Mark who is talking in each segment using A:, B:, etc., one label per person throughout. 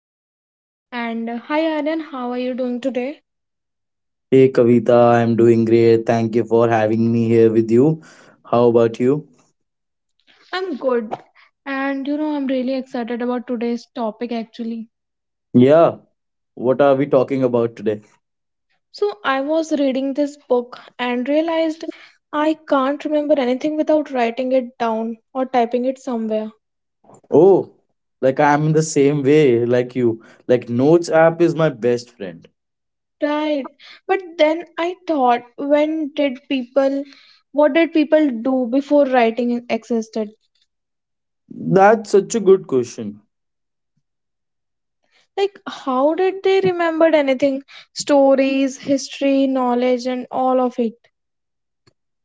A: Kavita and hi Aryan, how are you doing today?
B: Hey Kavita, I'm doing great. Thank you for having me here with you. How about you?
A: I'm good and you know I'm really excited about today's topic actually.
B: Yeah, what are we talking about today?
A: So I was reading this book and realized I can't remember anything without writing it down or typing it somewhere.
B: Oh, like I'm in the same way like you. Like Notes app is my best friend.
A: Right. But then I thought when did people what did people do before writing existed?
B: That's such a good question.
A: Like, how did they remembered anything? Stories, history, knowledge, and all of it.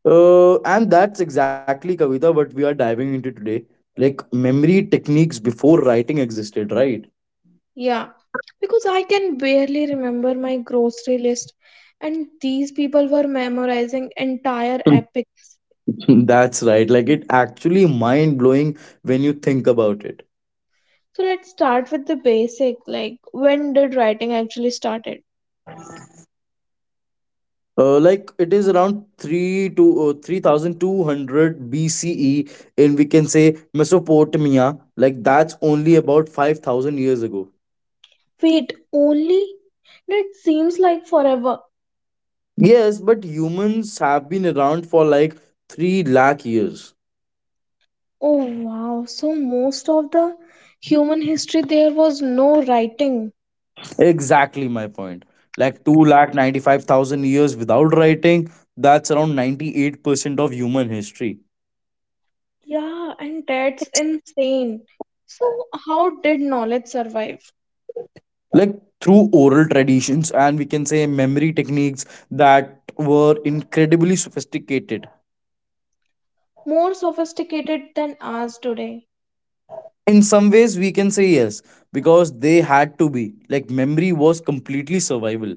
B: And that's exactly Kavita what we are diving into today. Like memory techniques before writing existed, right?
A: Yeah, because I can barely remember my grocery list, and these people were memorizing entire epics.
B: That's right. Like it actually mind blowing when you think about it.
A: So let's start with the basic. Like, when did writing actually started?
B: Like it is around 3 to 3200 BCE, and we can say Mesopotamia, like that's only about 5,000 years ago.
A: Wait, only? That seems like forever.
B: Yes, but humans have been around for like 3 lakh years.
A: Oh wow, so most of the human history there was no writing.
B: Exactly my point, like 2 lakh 95,000 years without writing. That's around 98% of human history.
A: Yeah, and that's insane. So, how did knowledge survive?
B: Like through oral traditions and we can say memory techniques that were incredibly sophisticated.
A: More sophisticated than ours today.
B: In some ways we can say yes, because they had to be. Like memory was completely survival.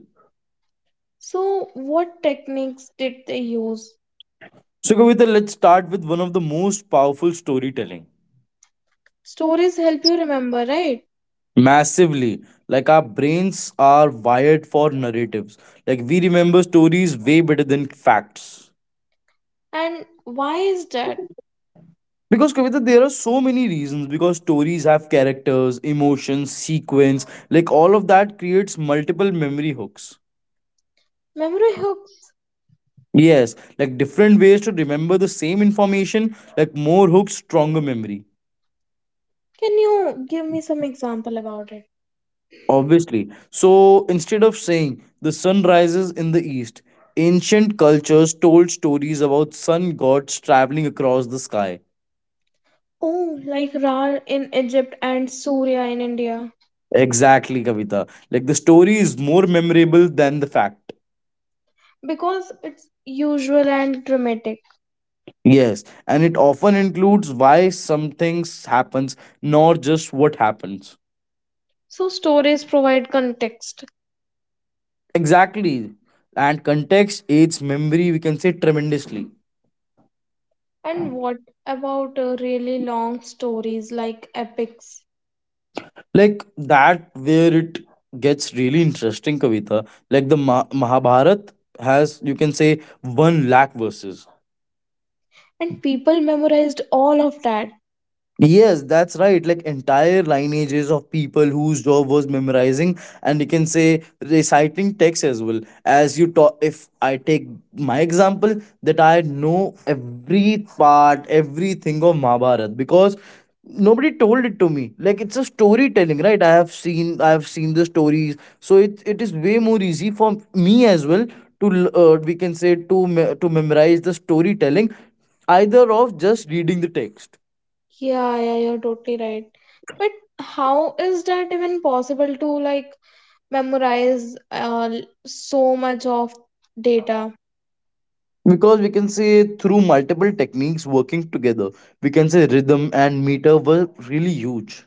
A: So, what techniques did they use?
B: So Kavita, let's start with one of the most powerful, storytelling.
A: Stories help you remember, right?
B: Massively, like our brains are wired for narratives. Like we remember stories way better than facts.
A: And why is that?
B: Because Kavita, there are so many reasons. Because stories have characters, emotions, sequence, like all of that creates multiple memory hooks.
A: Memory hooks.
B: Yes, like different ways to remember the same information, like more hooks, stronger memory.
A: Can you give me some example about it?
B: Obviously. So instead of saying the sun rises in the east, ancient cultures told stories about sun gods traveling across the sky.
A: Oh, like Ra in Egypt and Surya in India.
B: Exactly, Kavita. Like the story is more memorable than the fact.
A: Because it's usual and dramatic.
B: Yes, and it often includes why some things happens, not just what happens.
A: So, stories provide context.
B: Exactly. And context aids memory, we can say, tremendously.
A: And what about really long stories like epics?
B: Like that where it gets really interesting, Kavita. Like the mahabharat has, you can say, one lakh verses.
A: And people memorized all of that.
B: Yes, that's right. Like entire lineages of people whose job was memorizing, and you can say reciting text as well. As you talk, if I take my example, that I know every part, everything of Mahabharat because nobody told it to me. Like it's a storytelling, right? I have seen the stories, so it is way more easy for me as well to we can say to to memorize the storytelling, either of just reading the text.
A: Yeah, yeah, you're totally right. But how is that even possible to like memorize so much of data
B: Because we can say through multiple techniques working together. We can say rhythm and meter were really huge.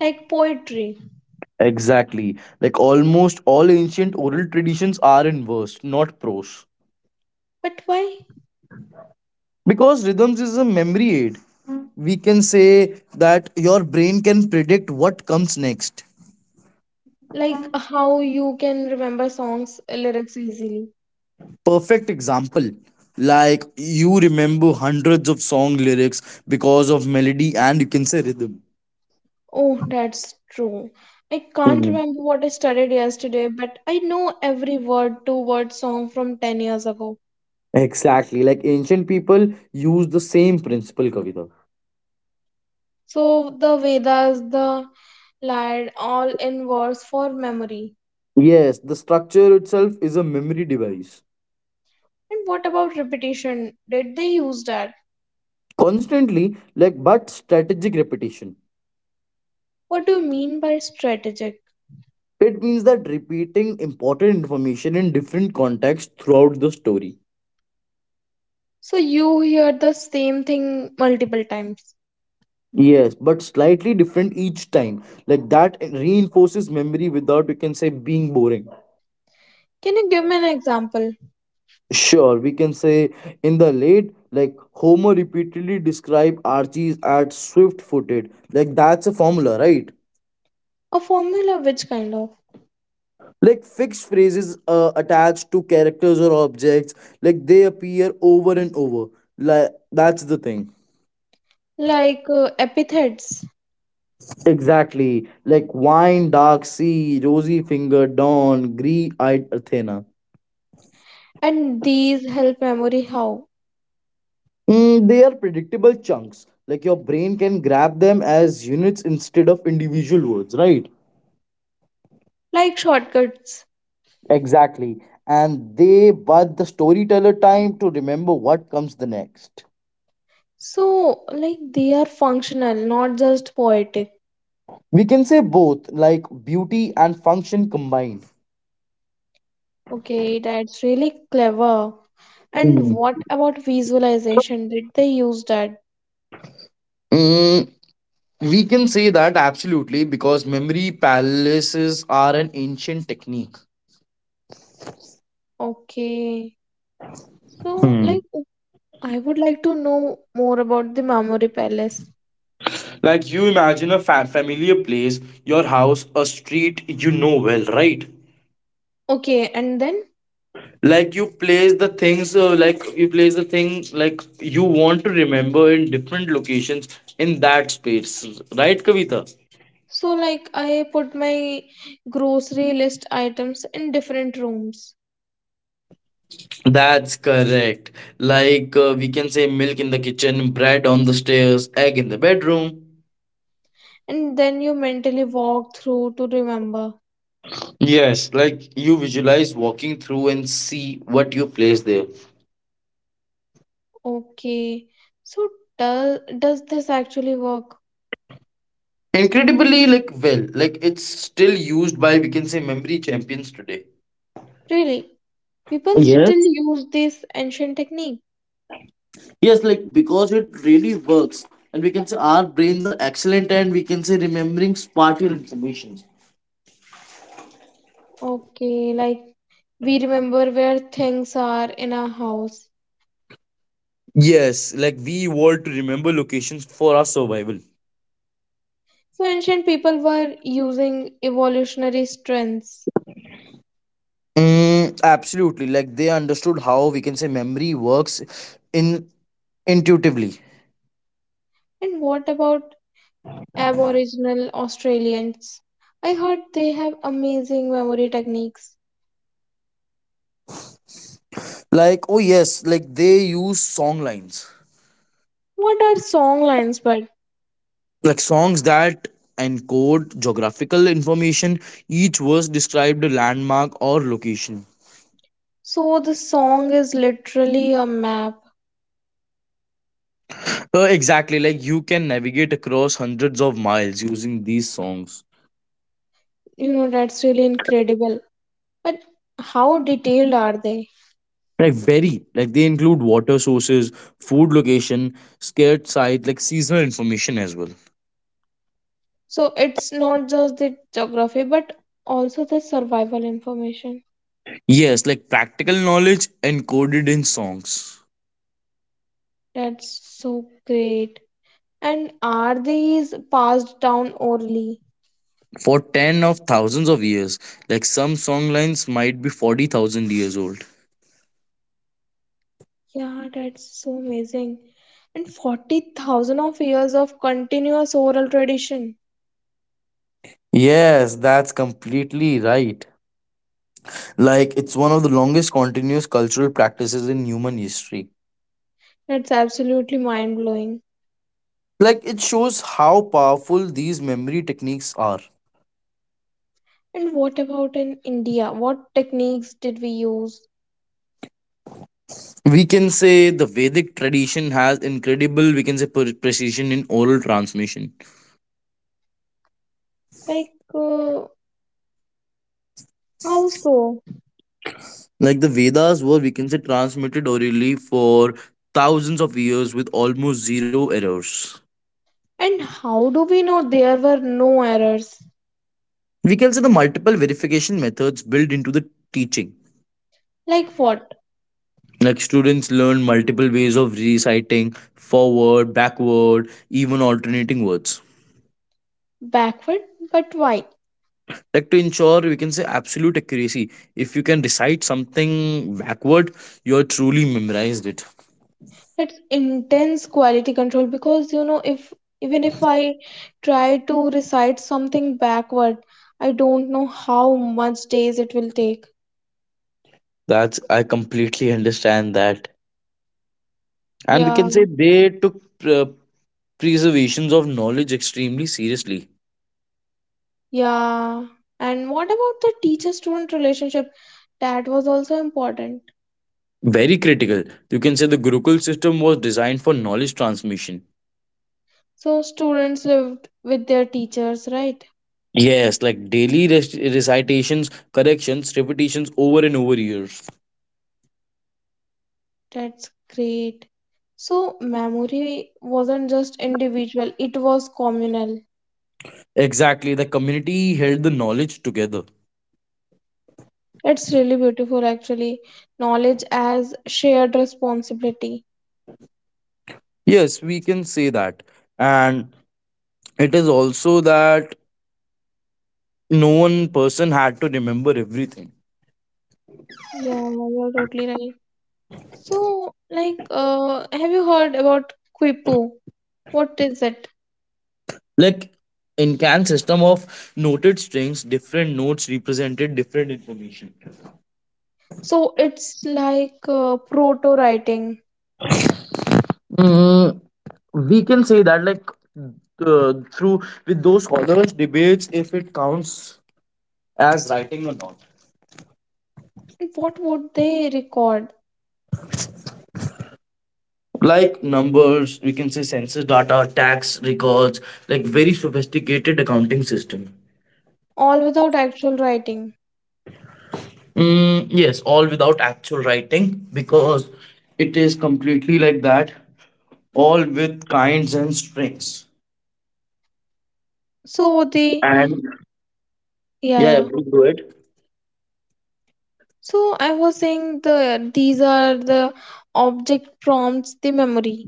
A: like poetry?
B: Exactly, like almost all ancient oral traditions are in verse, not prose.
A: But why?
B: Because rhythms is a memory aid, we can say, that your brain can predict what comes next.
A: Like how you can remember songs lyrics easily?
B: Perfect example. Like you remember hundreds of song lyrics because of melody and you can say rhythm.
A: Oh, that's true. I can't remember what I studied yesterday, but I know every word to word song from 10 years ago.
B: Exactly. Like ancient people use the same principle, Kavita.
A: So the Vedas, the Lied, all in verse for memory.
B: Yes, the structure itself is a memory device.
A: And what about repetition? Did they use that?
B: Constantly, like but strategic repetition.
A: What do you mean by strategic?
B: It means that repeating important information in different contexts throughout the story.
A: So you hear the same thing multiple times.
B: Yes, but slightly different each time. Like that reinforces memory without, we can say, being boring.
A: Can you give me an example?
B: Sure, we can say in the late, like Homer repeatedly described Archie's as swift footed. Like that's a formula, right?
A: A formula which kind of?
B: Like fixed phrases attached to characters or objects, like they appear over and over. Like that's the thing.
A: Like epithets.
B: Exactly, like wine dark sea, rosy finger dawn, grey eyed Athena.
A: And these help memory how?
B: Mm, they are predictable chunks, like your brain can grab them as units instead of individual words, right?
A: Like shortcuts.
B: Exactly. And they but the storyteller time to remember what comes the next.
A: So like they are functional, not just poetic.
B: We can say both, like beauty and function combined.
A: Okay, that's really clever. And what about visualization? Did they use that?
B: Mm, we can say that absolutely, because memory palaces are an ancient technique.
A: Okay. So,
B: Hmm.
A: like, I would like to know more about the memory palace.
B: Like you imagine a familiar place, your house, a street you know well, right?
A: Okay, and then?
B: Like you place the things, like you place the thing, like you want to remember in different locations in that space, right, Kavita?
A: So, like, I put my grocery list items in different rooms,
B: That's correct. Like we can say milk in the kitchen, bread on the stairs, egg in the bedroom.
A: and then you mentally walk through to remember.
B: Yes, like you visualize walking through and see what you place there.
A: Okay. So, does this actually work?
B: Incredibly, like, well, like it's still used by, we can say, memory champions today.
A: Really? People
B: Yes.
A: still use this ancient technique?
B: Yes, like because it really works. And we can say our brains are excellent and we can say remembering spatial information.
A: Okay, like we remember where things are in our house.
B: Yes, like we evolved to remember locations for our survival.
A: So ancient people were using evolutionary strengths.
B: Mm, absolutely. Like they understood how we can say memory works in intuitively.
A: And what about Aboriginal Australians? I heard they have amazing memory techniques.
B: Like, oh yes, like they use song lines.
A: What are song lines, but
B: Like songs that encode geographical information. Each verse described a landmark or location.
A: so the song is literally a map.
B: Exactly, like you can navigate across hundreds of miles using these songs.
A: That's really incredible. But how detailed are they?
B: Like very, like they include water sources, food location, scared site, like seasonal information as well.
A: So it's not just the geography, but also the survival information.
B: Yes, like practical knowledge encoded in songs.
A: That's so great. And are these passed down orally?
B: For 10 of thousands of years, like some song lines might be 40,000 years old.
A: Yeah, that's so amazing. And 40,000 of years of continuous oral tradition.
B: Yes, that's completely right. Like, it's one of the longest continuous cultural practices in human history.
A: That's absolutely mind blowing.
B: Like, it shows how powerful these memory techniques are.
A: And what about in India? What techniques did we use?
B: We can say the Vedic tradition has incredible, we can say, precision in oral transmission.
A: Like, uh, how so?
B: Like, the Vedas were, we can say, transmitted orally for thousands of years with almost zero errors.
A: And how do we know there were no errors?
B: We can say the multiple verification methods built into the teaching.
A: Like what?
B: Like students learn multiple ways of reciting forward, backward, even alternating words.
A: Backward, but why?
B: Like to ensure we can say absolute accuracy. If you can recite something backward, you are truly memorized it.
A: It's intense quality control because if even if I try to recite something backward, I don't know how much days it will take.
B: That's I completely understand that, and we
A: Yeah,
B: can say they took uh, preservations of knowledge extremely seriously.
A: yeah. And what about the teacher-student relationship? That was also important.
B: Very critical. You can say the Gurukul system was designed for knowledge transmission.
A: So students lived with their teachers, right?
B: Yes, like daily recitations, corrections, repetitions over and over years.
A: That's great. So memory wasn't just individual, it was communal.
B: Exactly, the community held the knowledge together.
A: It's really beautiful, actually. Knowledge as shared responsibility.
B: Yes, we can say that. And it is also that no one person had to remember everything.
A: Yeah, yeah, you're totally right. So, like, have you heard about Quipu? What is it?
B: Like in can system of noted strings, different notes represented different information.
A: So, it's like proto writing.
B: Mm, we can say that, like through with those scholars debates if it counts as writing or not.
A: What would they record?
B: Like numbers, we can say census data, tax records, like very sophisticated accounting system.
A: All without actual writing.
B: Mm, yes, all without actual writing, because it is completely like that, all with kinds and strings.
A: So,
B: And
A: yeah,
B: yeah, yeah,
A: yeah.
B: please do it.
A: So, I was saying these are the object prompts, the memory.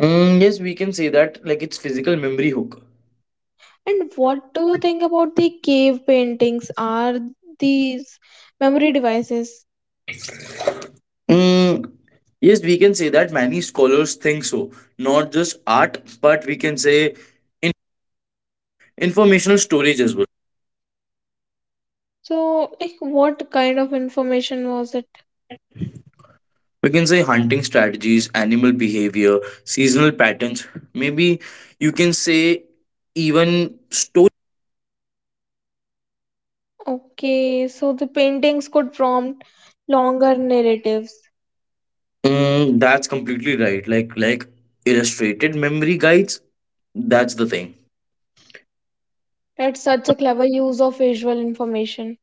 B: Mm, yes, we can say that, like it's physical memory hook.
A: And what do you think about the cave paintings? Are these memory devices?
B: Mm, yes, we can say that many scholars think so, not just art, but we can say in informational storage as well.
A: So, like, what kind of information was it?
B: We can say hunting strategies, animal behavior, seasonal patterns, maybe you can say even story.
A: Okay, so the paintings could prompt longer narratives.
B: Mm, that's completely right, like illustrated memory guides, that's the thing.
A: That's such a clever use of visual information.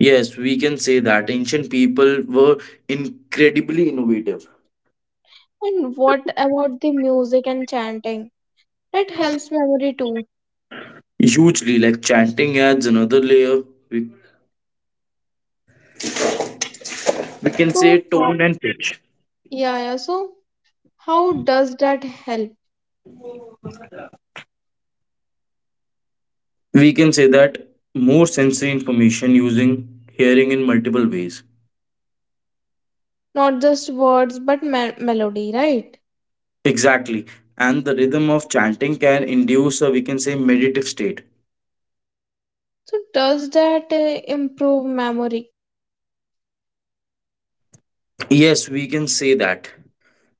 B: Yes, we can say that ancient people were incredibly innovative.
A: And what about the music and chanting? That helps memory too.
B: Hugely, like chanting adds another layer, we, we can say
A: So, how,
B: tone and pitch.
A: yeah, yeah, so how does that help?
B: We can say that more sensory information, using hearing in multiple ways.
A: Not just words, but me melody, right?
B: Exactly. And the rhythm of chanting can induce a, we can say, meditative state.
A: So does that improve memory?
B: Yes, we can say that.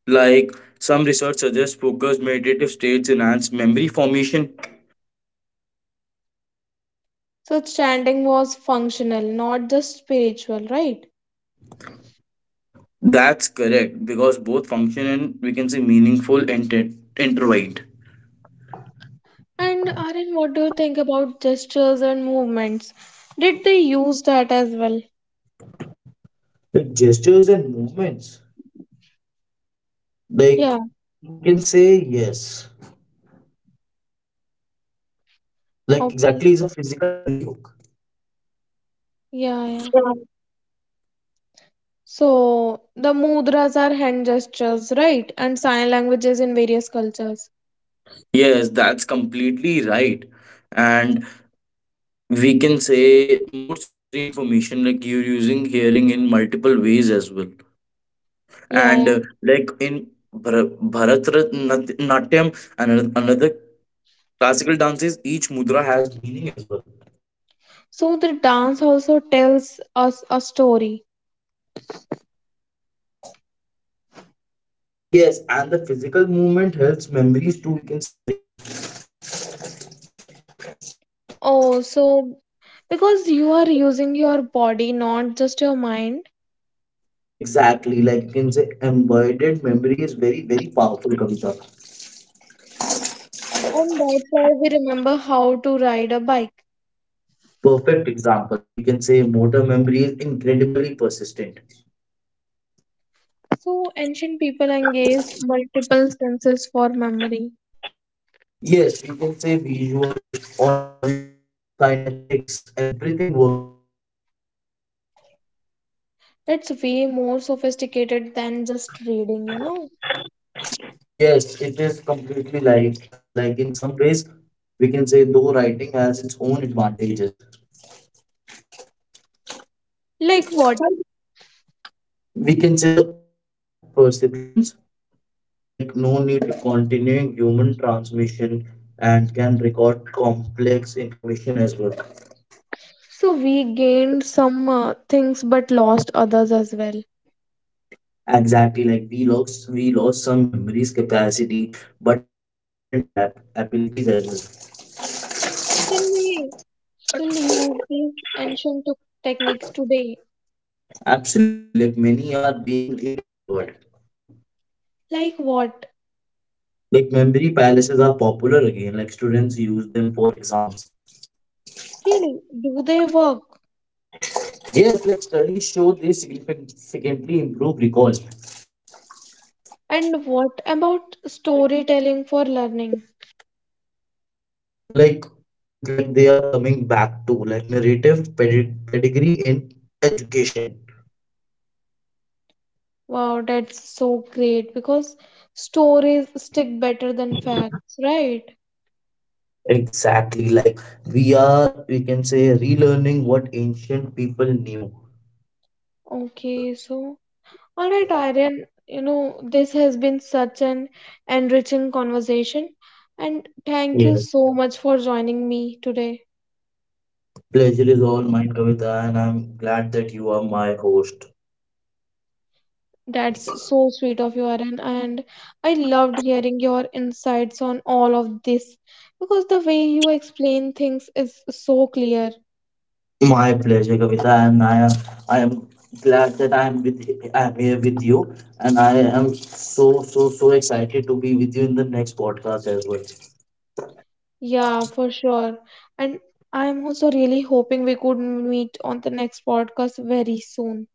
B: Like some research suggests focused meditative states enhance memory formation.
A: So chanting was functional, not just spiritual, right?
B: That's correct, because both function and we can say meaningful intertwined.
A: And Aryan, what do you think about gestures and movements? Did they use that as well?
B: With gestures and movements, like
A: Yeah,
B: you can say yes. Like exactly is a
A: okay.
B: physical memory hook.
A: Yeah, yeah. So the mudras are hand gestures, right? And sign languages in various cultures.
B: Yes, that's completely right. And we can say more sensory information, like you're using hearing in multiple ways as well.
A: Yeah, yeah.
B: And like in bharatanatyam, another classical dance is each mudra has meaning as well.
A: So the dance also tells us a story.
B: Yes, and the physical movement helps memories too, we can say narrate.
A: Oh, so because you are using your body, not just your mind.
B: Exactly, like you can say embodied memory is very very powerful comes.
A: And that's why we remember how to ride a bike.
B: Perfect example, we can say motor memory is incredibly persistent.
A: So ancient people engaged multiple senses for memory.
B: Yes, you can say visual, auditory, kinetics, everything working together.
A: It's way more sophisticated than just reading.
B: Yes, it is completely like in some ways we can say though writing has its own advantages.
A: Like what?
B: We can say the exact perceptions, like no need to continuing human transmission and can record complex information as well.
A: So we gained some things but lost others as well.
B: Exactly, like we lost some memories capacity, but gained different abilities as well.
A: Can we still use these ancient techniques today?
B: Absolutely, like many are being rediscovered.
A: Like what?
B: Like memory palaces are popular again, like students use them for exams.
A: Really? Do they work?
B: Yes, like studies show they significantly improve recall.
A: And what about storytelling for learning?
B: Like it like they are coming back to like narrative pedigree in education.
A: Wow, that's so great because stories stick better than facts, right?
B: Exactly, like we are we can say relearning what ancient people knew.
A: Okay, so all right, Aryan, this has been such an enriching conversation, and thank you
B: Yes.
A: so much for joining me today.
B: Pleasure is all mine, Kavita, and I'm glad that you are my host.
A: That's so sweet of you, Aryan, and I loved hearing your insights on all of this because the way you explain things is so clear.
B: My pleasure, Kavita, and I am glad that I am here with you, and I am so so so excited to be with you in the next podcast as well.
A: Yeah, for sure. And I'm also really hoping we could meet on the next podcast very soon.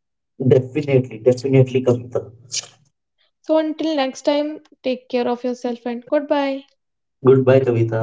B: Definitely, definitely, Kavita.
A: So until next time, take care of yourself and goodbye.
B: Goodbye, Kavita.